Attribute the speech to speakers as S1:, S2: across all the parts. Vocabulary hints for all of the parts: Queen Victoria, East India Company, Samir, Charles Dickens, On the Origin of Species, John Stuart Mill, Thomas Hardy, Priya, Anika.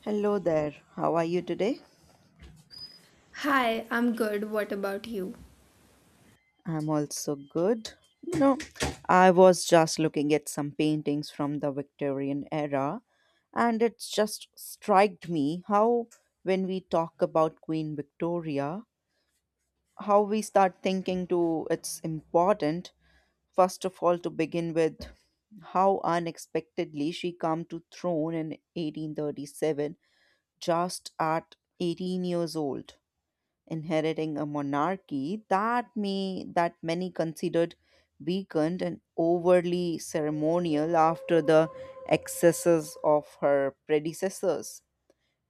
S1: Hello there. How are you today?
S2: Hi, I'm good. What about you?
S1: I'm also good. You know, I was just looking at some paintings from the Victorian era, and it just struck me how, when we talk about Queen Victoria, how we start thinking to it's important, first of all, to begin with how unexpectedly she come to throne in 1837, just at 18 years old, inheriting a monarchy that may that many considered weakened and overly ceremonial after the excesses of her predecessors.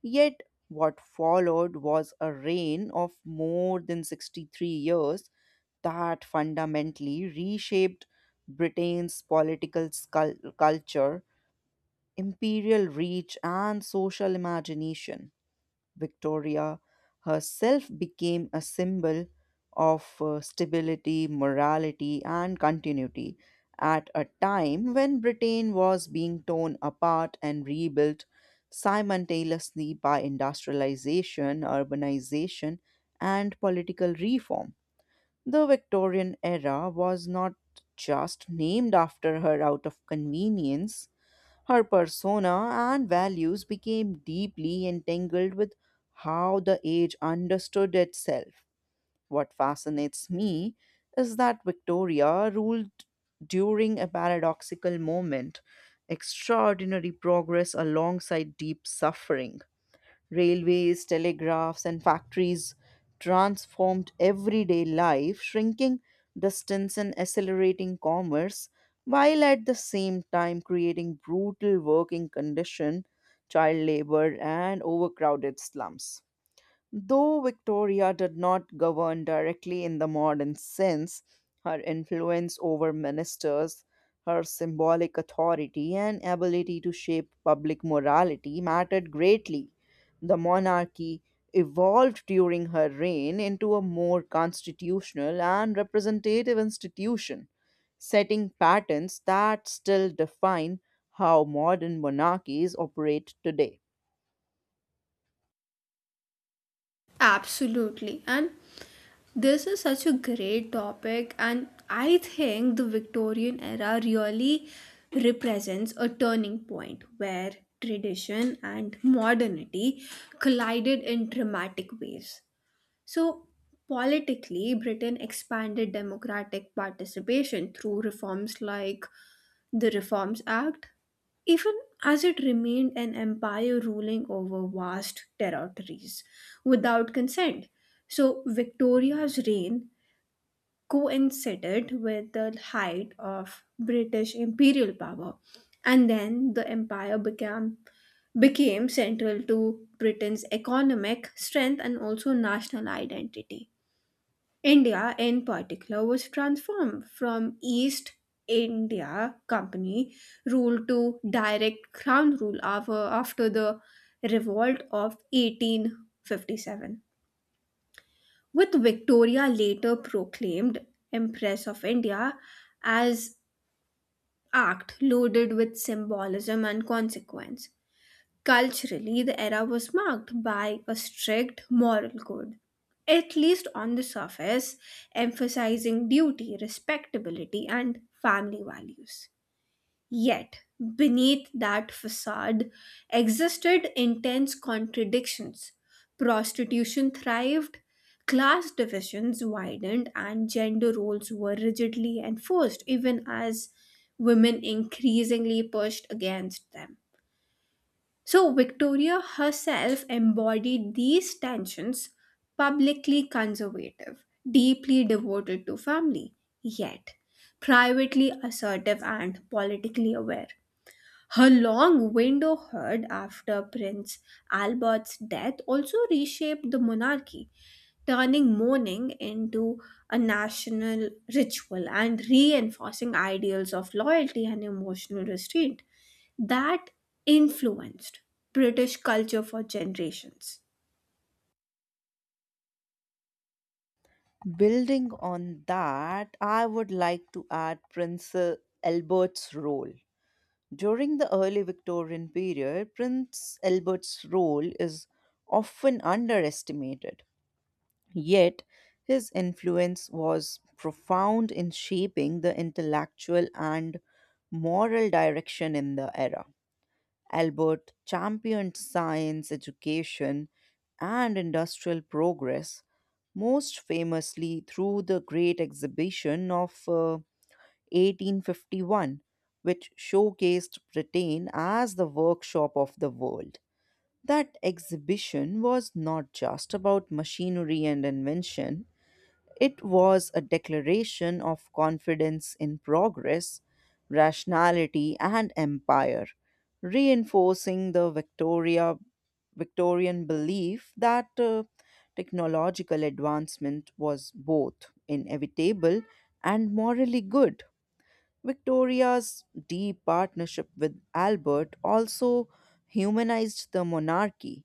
S1: Yet what followed was a reign of more than 63 years that fundamentally reshaped Britain's political culture, imperial reach, and social imagination. Victoria herself became a symbol of stability, morality, and continuity at a time when Britain was being torn apart and rebuilt simultaneously by industrialization, urbanization, and political reform. The Victorian era was not just named after her out of convenience; her persona and values became deeply entangled with how the age understood itself. What fascinates me is that Victoria ruled during a paradoxical moment, extraordinary progress alongside deep suffering. Railways, telegraphs, and factories transformed everyday life, shrinking distance and accelerating commerce, while at the same time creating brutal working conditions, child labor, and overcrowded slums. Though Victoria did not govern directly in the modern sense, her influence over ministers, her symbolic authority, and ability to shape public morality mattered greatly. The monarchy evolved during her reign into a more constitutional and representative institution, setting patterns that still define how modern monarchies operate today.
S2: Absolutely. And this is such a great topic, and I think the Victorian era really represents a turning point where tradition and modernity collided in dramatic ways. So, politically, Britain expanded democratic participation through reforms like The Reforms Act, even as it remained an empire ruling over vast territories without consent. So, Victoria's reign coincided with the height of British imperial power, and then the empire became central to Britain's economic strength and also national identity. India, in particular, was transformed from East India Company rule to direct crown rule after the revolt of 1857, with Victoria later proclaimed Empress of India as act loaded with symbolism and consequence. Culturally, the era was marked by a strict moral code, at least on the surface, emphasizing duty, respectability, and family values. Yet, beneath that facade existed intense contradictions. Prostitution thrived, class divisions widened, and gender roles were rigidly enforced, even as women increasingly pushed against them. So, Victoria herself embodied these tensions, publicly conservative, deeply devoted to family, yet privately assertive and politically aware. Her long window heard after Prince Albert's death also reshaped the monarchy, turning mourning into a national ritual and reinforcing ideals of loyalty and emotional restraint that influenced British culture for generations.
S1: Building on that, I would like to add Prince Albert's role. During the early Victorian period, Prince Albert's role is often underestimated, yet his influence was profound in shaping the intellectual and moral direction in the era. Albert championed science education and industrial progress, most famously through the Great Exhibition of 1851, which showcased Britain as the workshop of the world. That exhibition was not just about machinery and invention, it was a declaration of confidence in progress, rationality, and empire, reinforcing the Victorian belief that technological advancement was both inevitable and morally good. Victoria's deep partnership with Albert also humanized the monarchy,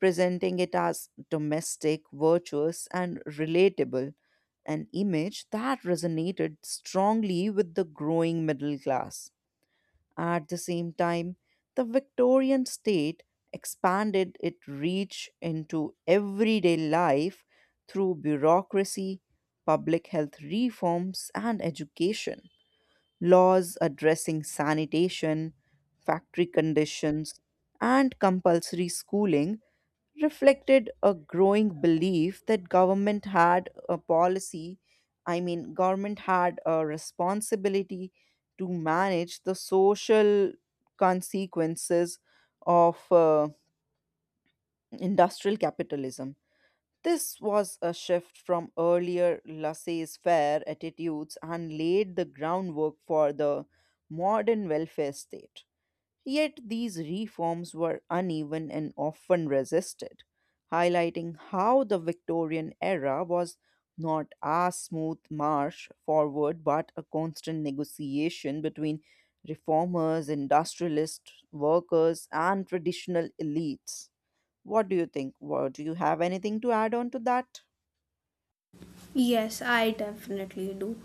S1: presenting it as domestic, virtuous, and relatable, an image that resonated strongly with the growing middle class. At the same time, the Victorian state expanded its reach into everyday life through bureaucracy, public health reforms, and education. Laws addressing sanitation, factory conditions, and compulsory schooling reflected a growing belief that government had a responsibility to manage the social consequences of industrial capitalism. This was a shift from earlier laissez-faire attitudes and laid the groundwork for the modern welfare state. Yet these reforms were uneven and often resisted, highlighting how the Victorian era was not a smooth march forward but a constant negotiation between reformers, industrialists, workers, and traditional elites. What do you think? What, do you have anything to add on to that?
S2: Yes, I definitely do.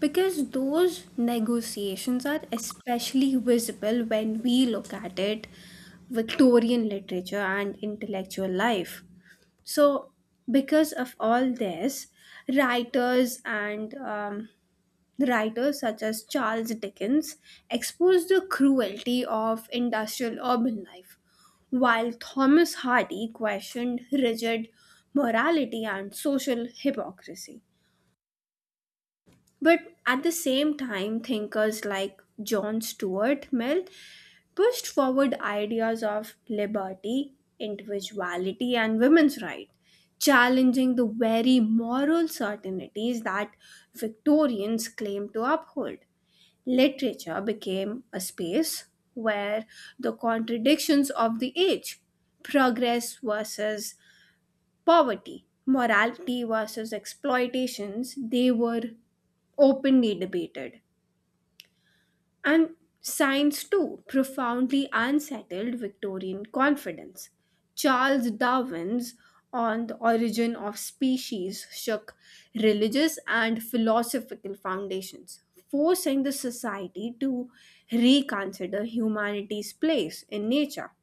S2: Because those negotiations are especially visible when we look at it Victorian literature and intellectual life. So, because of all this, writers and um, writers such as Charles Dickens exposed the cruelty of industrial urban life while Thomas Hardy questioned rigid morality and social hypocrisy. But at the same time, thinkers like John Stuart Mill pushed forward ideas of liberty, individuality, and women's rights, challenging the very moral certainties that Victorians claimed to uphold. Literature became a space where the contradictions of the age, progress versus poverty, morality versus exploitations, they were openly debated. And signs too profoundly unsettled Victorian confidence. Charles Darwin's On the Origin of Species shook religious and philosophical foundations, forcing the society to reconsider humanity's place in nature.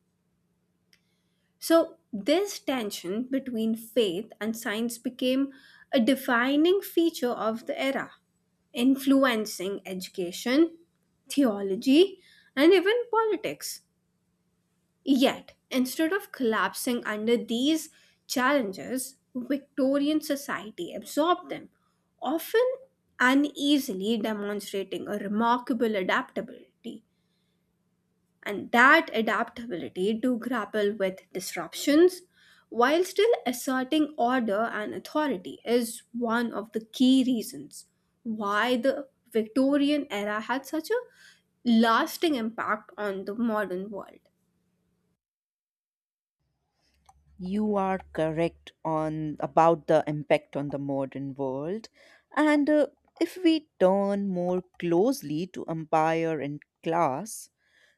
S2: So, this tension between faith and science became a defining feature of the era, influencing education, theology, and even politics. Yet, instead of collapsing under these challenges, Victorian society absorbed them, often uneasily demonstrating a remarkable adaptability, and that adaptability to grapple with disruptions while still asserting order and authority is one of the key reasons why the Victorian era had such a lasting impact on the modern world.
S1: You are correct on about the impact on the modern world. And if we turn more closely to empire and class,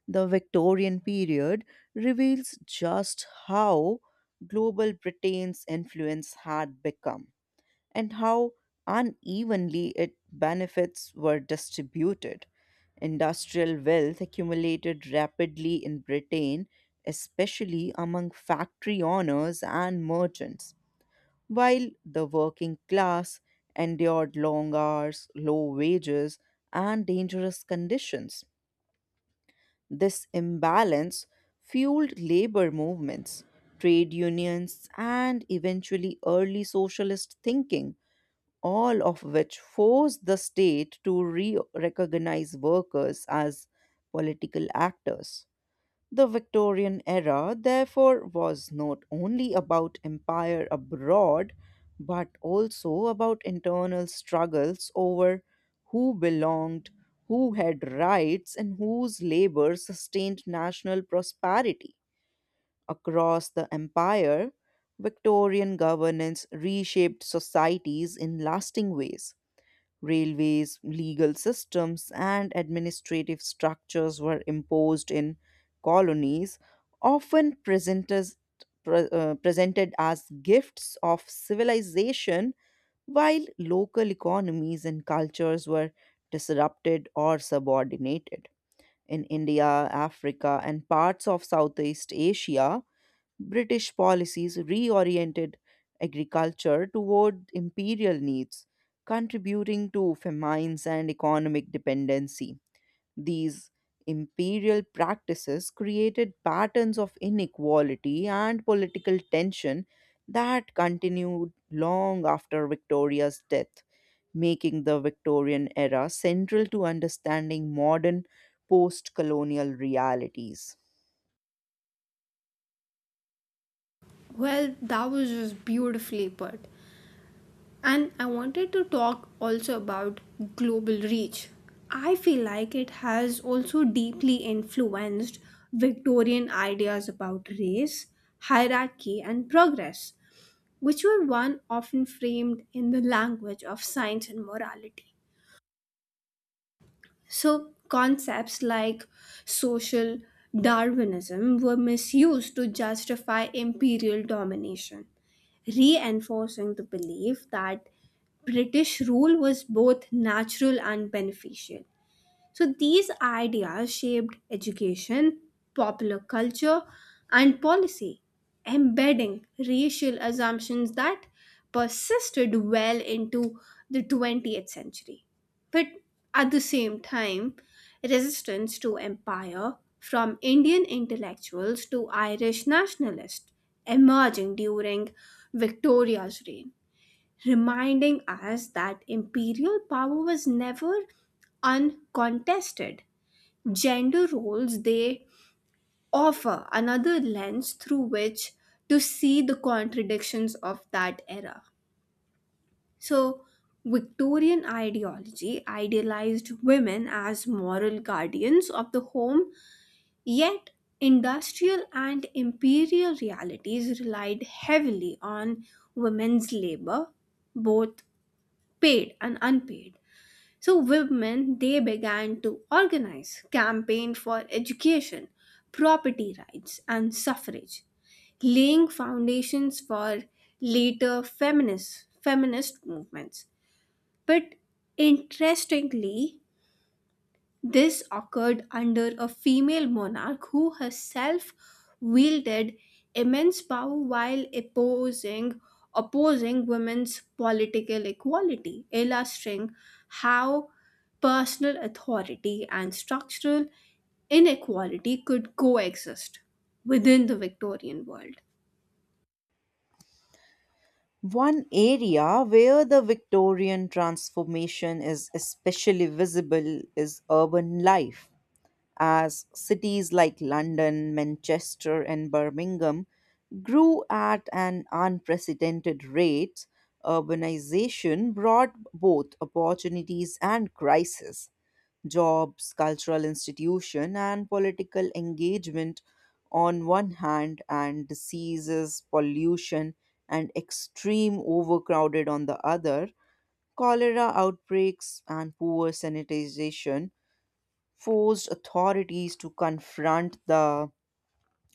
S1: the Victorian period reveals just how global Britain's influence had become and how unevenly its benefits were distributed. Industrial wealth accumulated rapidly in Britain, especially among factory owners and merchants, while the working class endured long hours, low wages, and dangerous conditions. This imbalance fueled labor movements, trade unions, and eventually early socialist thinking, all of which force the state to re recognize workers as political actors. The Victorian era, therefore, was not only about empire abroad, but also about internal struggles over who belonged, who had rights, and whose labor sustained national prosperity. Across the empire, Victorian governance reshaped societies in lasting ways. Railways, legal systems, and administrative structures were imposed in colonies, often presented as gifts of civilization, while local economies and cultures were disrupted or subordinated. In India, Africa, and parts of Southeast Asia, British policies reoriented agriculture toward imperial needs, contributing to famines and economic dependency. These imperial practices created patterns of inequality and political tension that continued long after Victoria's death, making the Victorian era central to understanding modern post colonial realities.
S2: Well, that was just beautifully put. And I wanted to talk also about global reach. I feel like it has also deeply influenced Victorian ideas about race, hierarchy, and progress, which were one often framed in the language of science and morality. So, concepts like social Darwinism were misused to justify imperial domination, reinforcing the belief that British rule was both natural and beneficial. So these ideas shaped education, popular culture, and policy, embedding racial assumptions that persisted well into the 20th century. But at the same time, resistance to empire from Indian intellectuals to Irish nationalists emerging during Victoria's reign, reminding us that imperial power was never uncontested. Gender roles they offer another lens through which to see the contradictions of that era. So, Victorian ideology idealized women as moral guardians of the home, yet industrial and imperial realities relied heavily on women's labor, both paid and unpaid. So women they began to organize campaign for education, property rights and suffrage, laying foundations for later feminist movements. But interestingly, this occurred under a female monarch who herself wielded immense power while opposing women's political equality, illustrating how personal authority and structural inequality could coexist within the Victorian world.
S1: One area where the Victorian transformation is especially visible is urban life, as cities like London, Manchester, and Birmingham grew at an unprecedented rate. Urbanization brought both opportunities and crises: jobs, cultural institution, and political engagement on one hand, and diseases, pollution, and extreme overcrowded on the other. Cholera outbreaks and poor sanitization forced authorities to confront the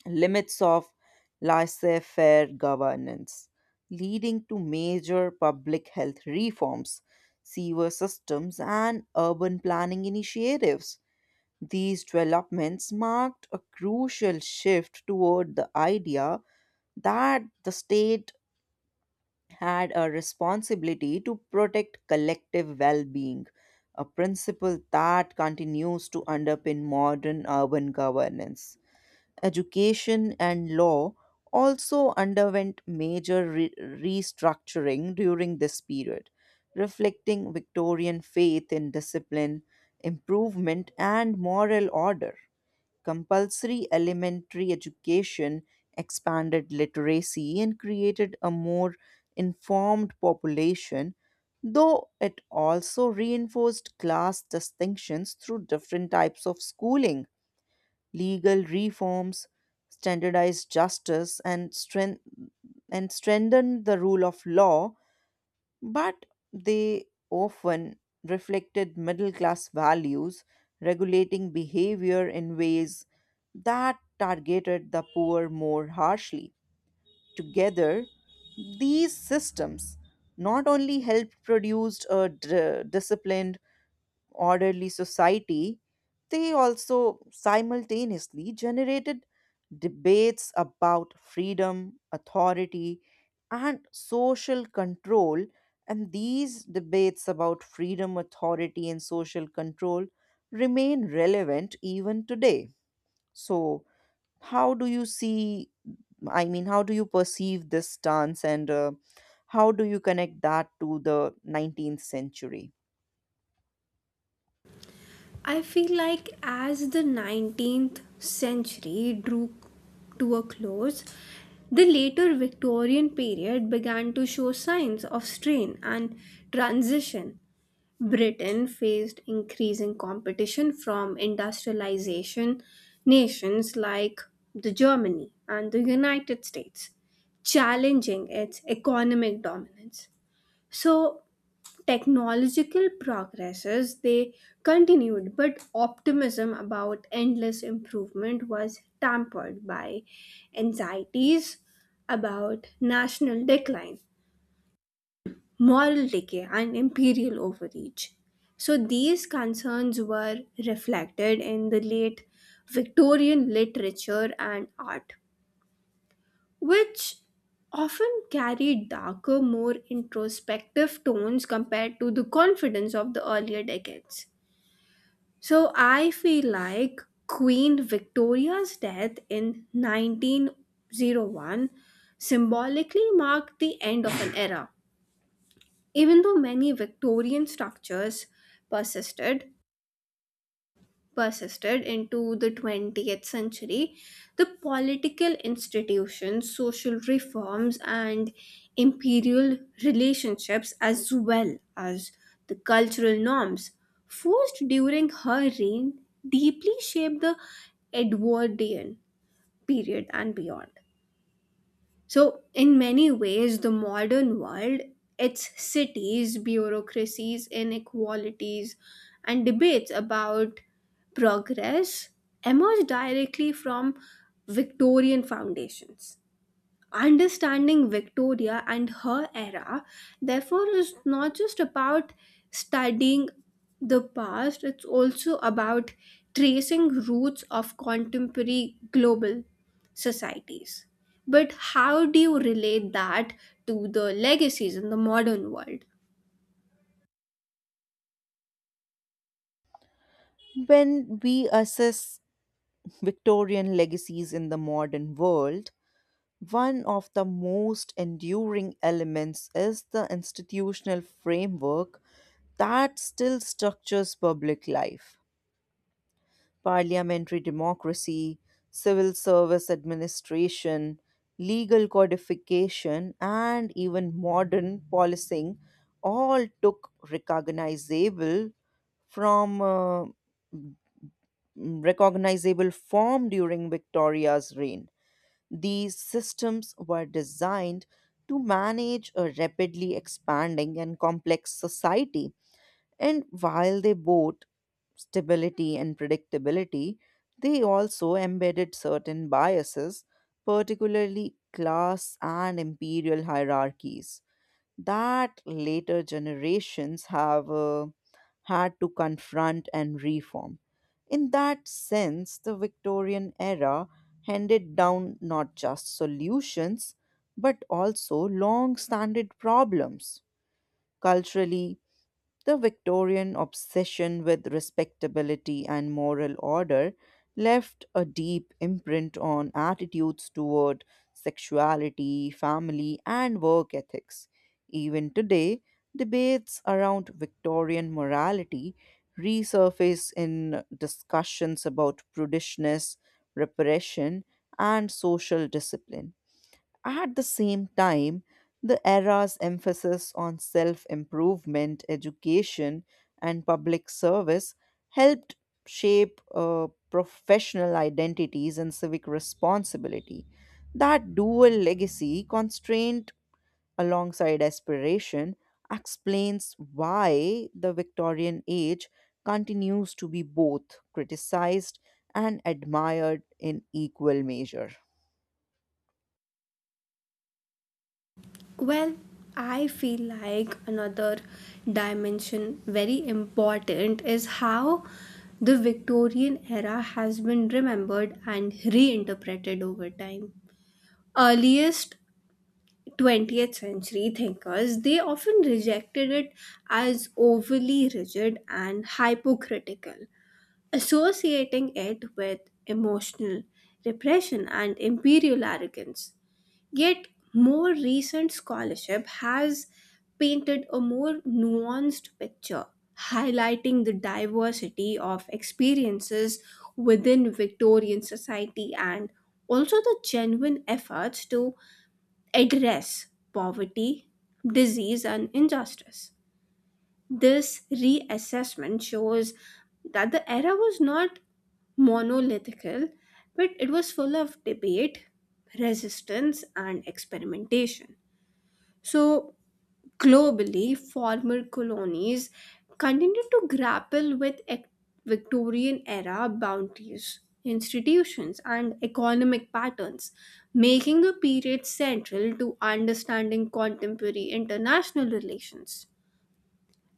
S1: limits of laissez faire governance, leading to major public health reforms, sewer systems, and urban planning initiatives. These developments marked a crucial shift toward the idea that the state had a responsibility to protect collective well being, a principle that continues to underpin modern urban governance. Education and law also underwent major restructuring during this period, reflecting Victorian faith in discipline, improvement, and moral order. Compulsory elementary education expanded literacy and created a more informed population, though it also reinforced class distinctions through different types of schooling. Legal reforms, standardized justice, and strengthened the rule of law, but they often reflected middle class values, regulating behavior in ways that targeted the poor more harshly. Together, these systems not only helped produce a disciplined orderly society, they also simultaneously generated debates about freedom, authority, and social control. And these debates about freedom, authority, and social control remain relevant even today. So, how do you see? I mean, how do you perceive this stance, and how do you connect that to the 19th century?
S2: I feel like as the 19th century drew to a close, the later Victorian period began to show signs of strain and transition. Britain faced increasing competition from industrialization nations like the Germany and the United States, challenging its economic dominance. So, technological progresses they continued, but optimism about endless improvement was tampered by anxieties about national decline, moral decay, and imperial overreach. So these concerns were reflected in the late Victorian literature and art, which often carried darker, more introspective tones compared to the confidence of the earlier decades. So I feel like Queen Victoria's death in 1901 symbolically marked the end of an era. Even though many Victorian structures persisted, persisted into the 20th century, the political institutions, social reforms, and imperial relationships, as well as the cultural norms forced during her reign, deeply shaped the Edwardian period and beyond. So, in many ways, the modern world, its cities, bureaucracies, inequalities, and debates about progress emerged directly from Victorian foundations. Understanding Victoria and her era, therefore, is not just about studying the past, it's also about tracing roots of contemporary global societies. But how do you relate that to the legacies in the modern world?
S1: When we assess Victorian legacies in the modern world, one of the most enduring elements is the institutional framework that still structures public life. Parliamentary democracy, civil service administration, legal codification, and even modern policing all took from uh, recognizable form during Victoria's reign. These systems were designed to manage a rapidly expanding and complex society, and while they brought stability and predictability, they also embedded certain biases, particularly class and imperial hierarchies that later generations have had to confront and reform. In that sense, the Victorian era handed down not just solutions but also long standing problems. Culturally, the Victorian obsession with respectability and moral order left a deep imprint on attitudes toward sexuality, family, and work ethics. Even today, debates around Victorian morality resurface in discussions about prudishness, repression, and social discipline. At the same time, the era's emphasis on self improvement, education, and public service helped shape professional identities and civic responsibility. That dual legacy, constraint alongside aspiration, explains why the Victorian age continues to be both criticized and admired in equal measure.
S2: Well, I feel like another dimension very important is how the Victorian era has been remembered and reinterpreted over time. Earliest 20th century thinkers they often rejected it as overly rigid and hypocritical, associating it with emotional repression and imperial arrogance. Yet, more recent scholarship has painted a more nuanced picture, highlighting the diversity of experiences within Victorian society and also the genuine efforts to address poverty, disease, and injustice. This reassessment shows that the era was not monolithical, but it was full of debate, resistance, and experimentation. So, globally, former colonies continued to grapple with Victorian era bounties, institutions, and economic patterns, making the period central to understanding contemporary international relations.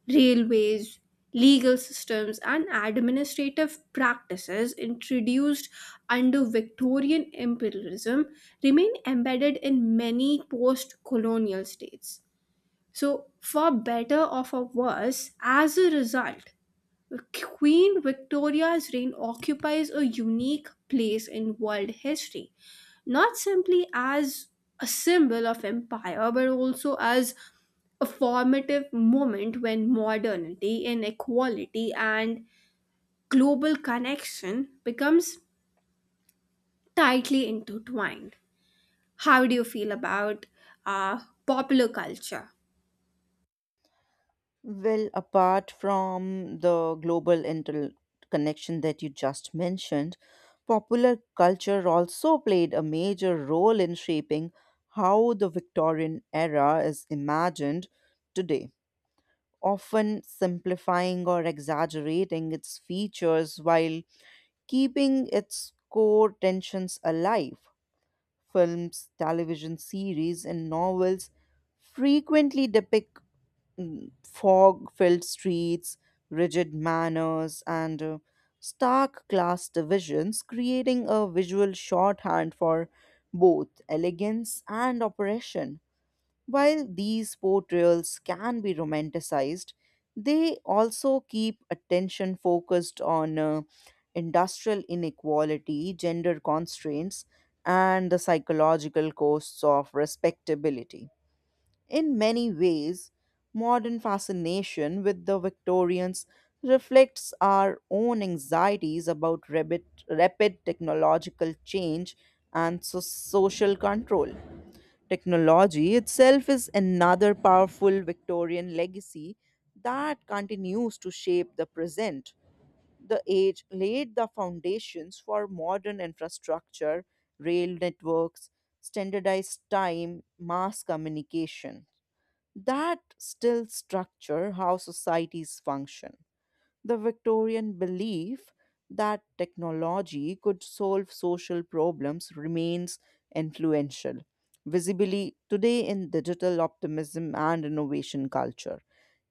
S2: Railways, legal systems, and administrative practices introduced under Victorian imperialism remain embedded in many post colonial states. So, for better or for worse, as a result, Queen Victoria's reign occupies a unique place in world history, not simply as a symbol of empire, but also as a formative moment when modernity, inequality, and global connection becomes tightly intertwined. How do you feel about uh, popular culture?
S1: Well, apart from the global interconnection that you just mentioned, popular culture also played a major role in shaping how the Victorian era is imagined today, often simplifying or exaggerating its features while keeping its core tensions alive. Films, television series, and novels frequently depict fog-filled streets, rigid manners, and stark class divisions, creating a visual shorthand for both elegance and oppression. While these portrayals can be romanticized, they also keep attention focused on industrial inequality, gender constraints, and the psychological costs of respectability. In many ways, modern fascination with the Victorians reflects our own anxieties about rapid technological change and social control. Technology itself is another powerful Victorian legacy that continues to shape the present. The age laid the foundations for modern infrastructure, rail networks, standardized time, mass communication. That still structure how societies function. The Victorian belief that technology could solve social problems remains influential, visibly today in digital optimism and innovation culture.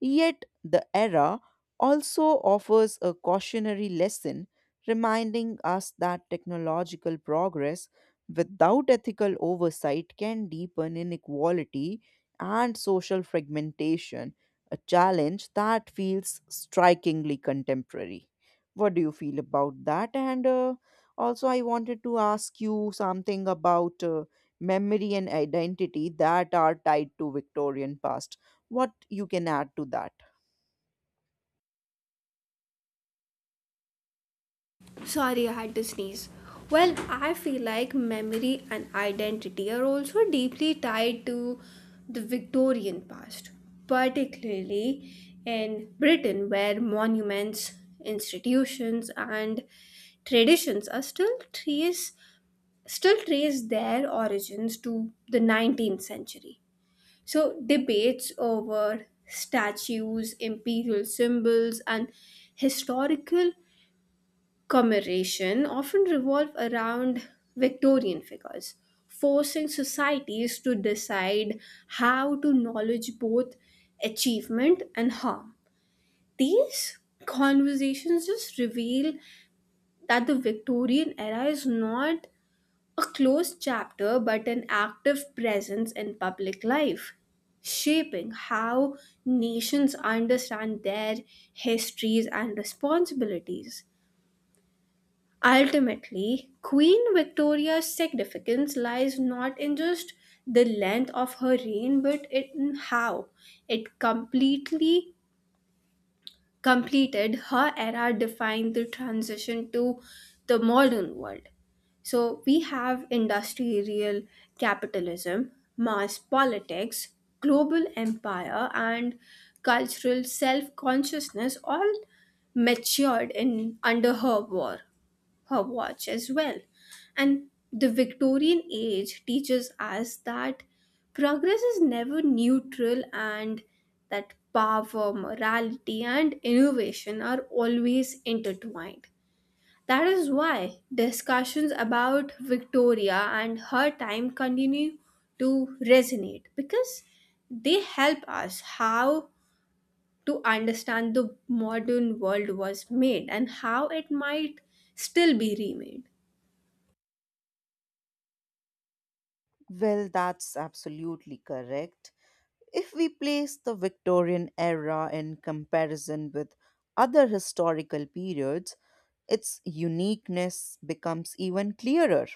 S1: Yet, the era also offers a cautionary lesson, reminding us that technological progress without ethical oversight can deepen inequality and social fragmentation, a challenge that feels strikingly contemporary. What do you feel about that? And also, I wanted to ask you something about memory and identity that are tied to Victorian past. What you can add to that?
S2: Sorry, I had to sneeze. Well, I feel like memory and identity are also deeply tied to the Victorian past, particularly in Britain, where monuments, institutions, and traditions are still trace their origins to the 19th century. So debates over statues, imperial symbols, and historical commemoration often revolve around Victorian figures, forcing societies to decide how to acknowledge both achievement and harm. These conversations just reveal that the Victorian era is not a closed chapter but an active presence in public life, shaping how nations understand their histories and responsibilities. Ultimately, Queen Victoria's significance lies not in just the length of her reign but in how it completely completed her era defined the transition to the modern world. So we have industrial capitalism, mass politics, global empire, and cultural self consciousness all matured in under her watch as well. And the Victorian age teaches us that progress is never neutral and that power, morality, and innovation are always intertwined. That is why discussions about Victoria and her time continue to resonate because they help us how to understand the modern world was made and how it might still be remade.
S1: Well, that's absolutely correct. If we place the Victorian era in comparison with other historical periods, its uniqueness becomes even clearer.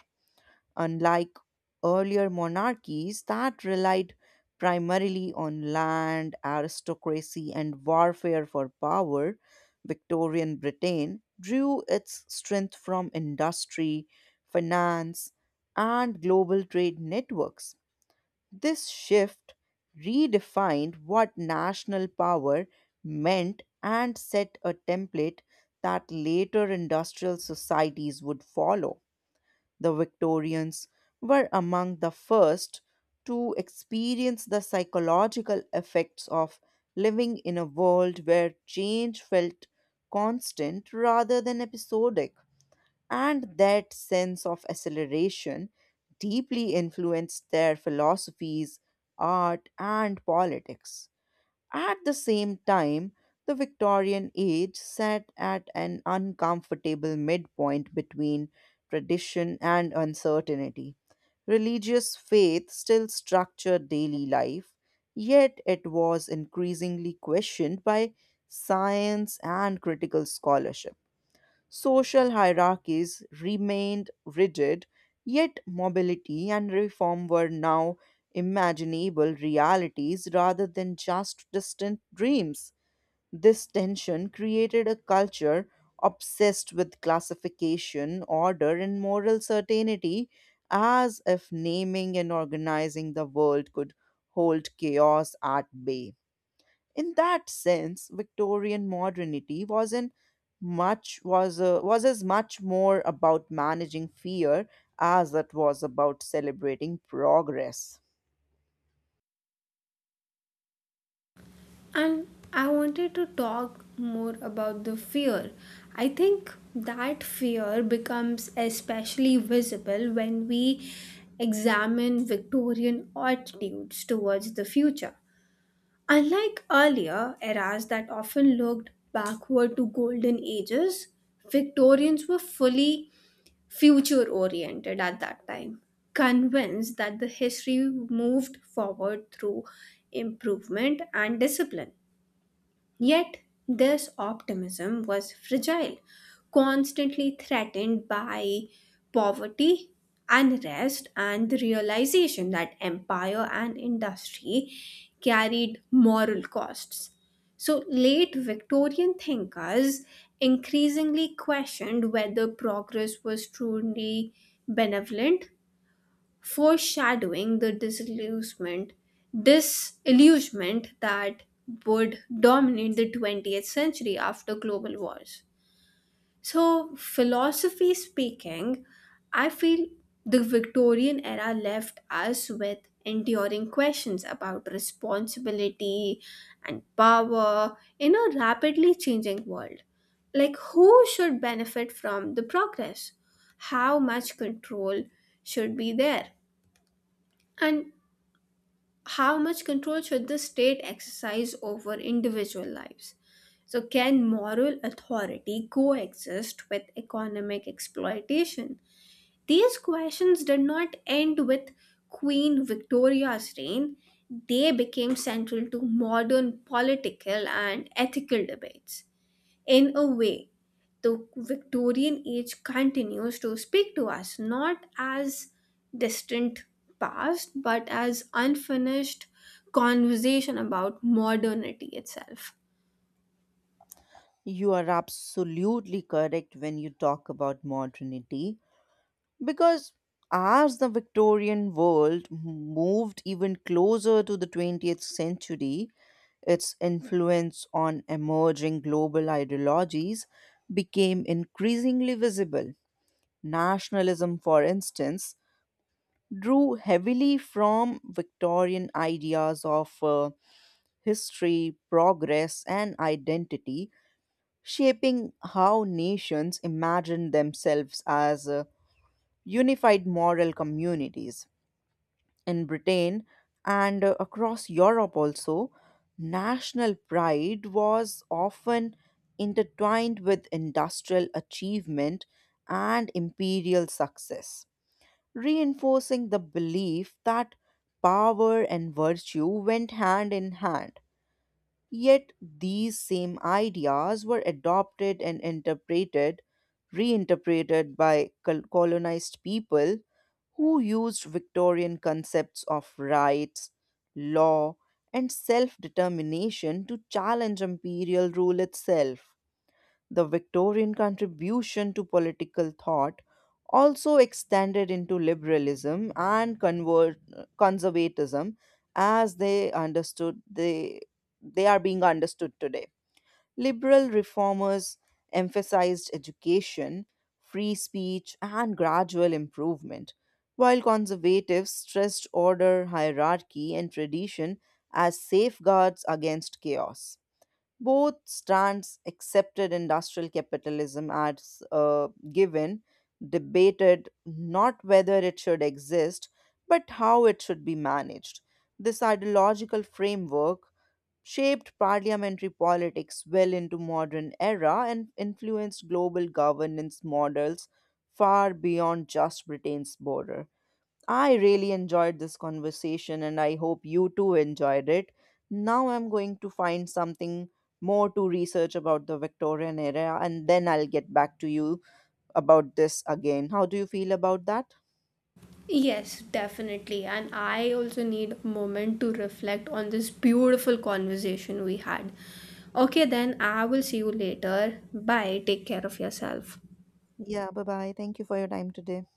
S1: Unlike earlier monarchies that relied primarily on land, aristocracy, and warfare for power, Victorian Britain drew its strength from industry, finance, and global trade networks. This shift redefined what national power meant and set a template that later industrial societies would follow. The Victorians were among the first to experience the psychological effects of living in a world where change felt constant rather than episodic, and that sense of acceleration deeply influenced their philosophies, art, and politics. At the same time, the Victorian age sat at an uncomfortable midpoint between tradition and uncertainty. Religious faith still structured daily life, yet it was increasingly questioned by science and critical scholarship. Social hierarchies remained rigid, yet mobility and reform were now imaginable realities rather than just distant dreams. This tension created a culture obsessed with classification, order, and moral certainty, as if naming and organizing the world could hold chaos at bay. In that sense, Victorian modernity wasn't much was as much more about managing fear as it was about celebrating progress.
S2: And I wanted to talk more about the fear. I think that fear becomes especially visible when we examine Victorian attitudes towards the future. Unlike earlier eras that often looked backward to golden ages, Victorians were fully future oriented at that time, convinced that the history moved forward through improvement and discipline. Yet, this optimism was fragile, constantly threatened by poverty, unrest, and the realization that empire and industry carried moral costs. So, late Victorian thinkers increasingly questioned whether progress was truly benevolent, foreshadowing the disillusionment that would dominate the 20th century after global wars. So philosophy speaking, I feel the Victorian era left us with enduring questions about responsibility and power in a rapidly changing world, like who should benefit from the progress, how much control should be there, and how much control should the state exercise over individual lives? So, can moral authority coexist with economic exploitation? These questions did not end with Queen Victoria's reign, they became central to modern political and ethical debates. In a way, the Victorian age continues to speak to us not as distant past but as unfinished conversation about modernity itself.
S1: You are absolutely correct when you talk about modernity, because as the Victorian world moved even closer to the 20th century, its influence on emerging global ideologies became increasingly visible. Nationalism, for instance, drew heavily from Victorian ideas of history, progress, and identity, shaping how nations imagined themselves as unified moral communities. In Britain and across Europe, also, national pride was often intertwined with industrial achievement and imperial success, reinforcing the belief that power and virtue went hand in hand. Yet these same ideas were adopted and reinterpreted by colonized people who used Victorian concepts of rights, law, and self determination to challenge imperial rule itself. The Victorian contribution to political thought also extended into liberalism and conservatism as they are being understood today. Liberal reformers emphasized education, free speech, and gradual improvement, while conservatives stressed order, hierarchy, and tradition as safeguards against chaos. Both strands accepted industrial capitalism as a given, debated not whether it should exist, but how it should be managed. This ideological framework shaped parliamentary politics well into modern era and influenced global governance models far beyond just Britain's border. I really enjoyed this conversation and I hope you too enjoyed it. Now I'm going to find something more to research about the Victorian era and then I'll get back to you about this again. How do you feel about that?
S2: Yes, definitely. And I also need a moment to reflect on this beautiful conversation we had. Okay, then I will see you later. Bye. Take care of yourself.
S1: Yeah, bye bye. Thank you for your time today.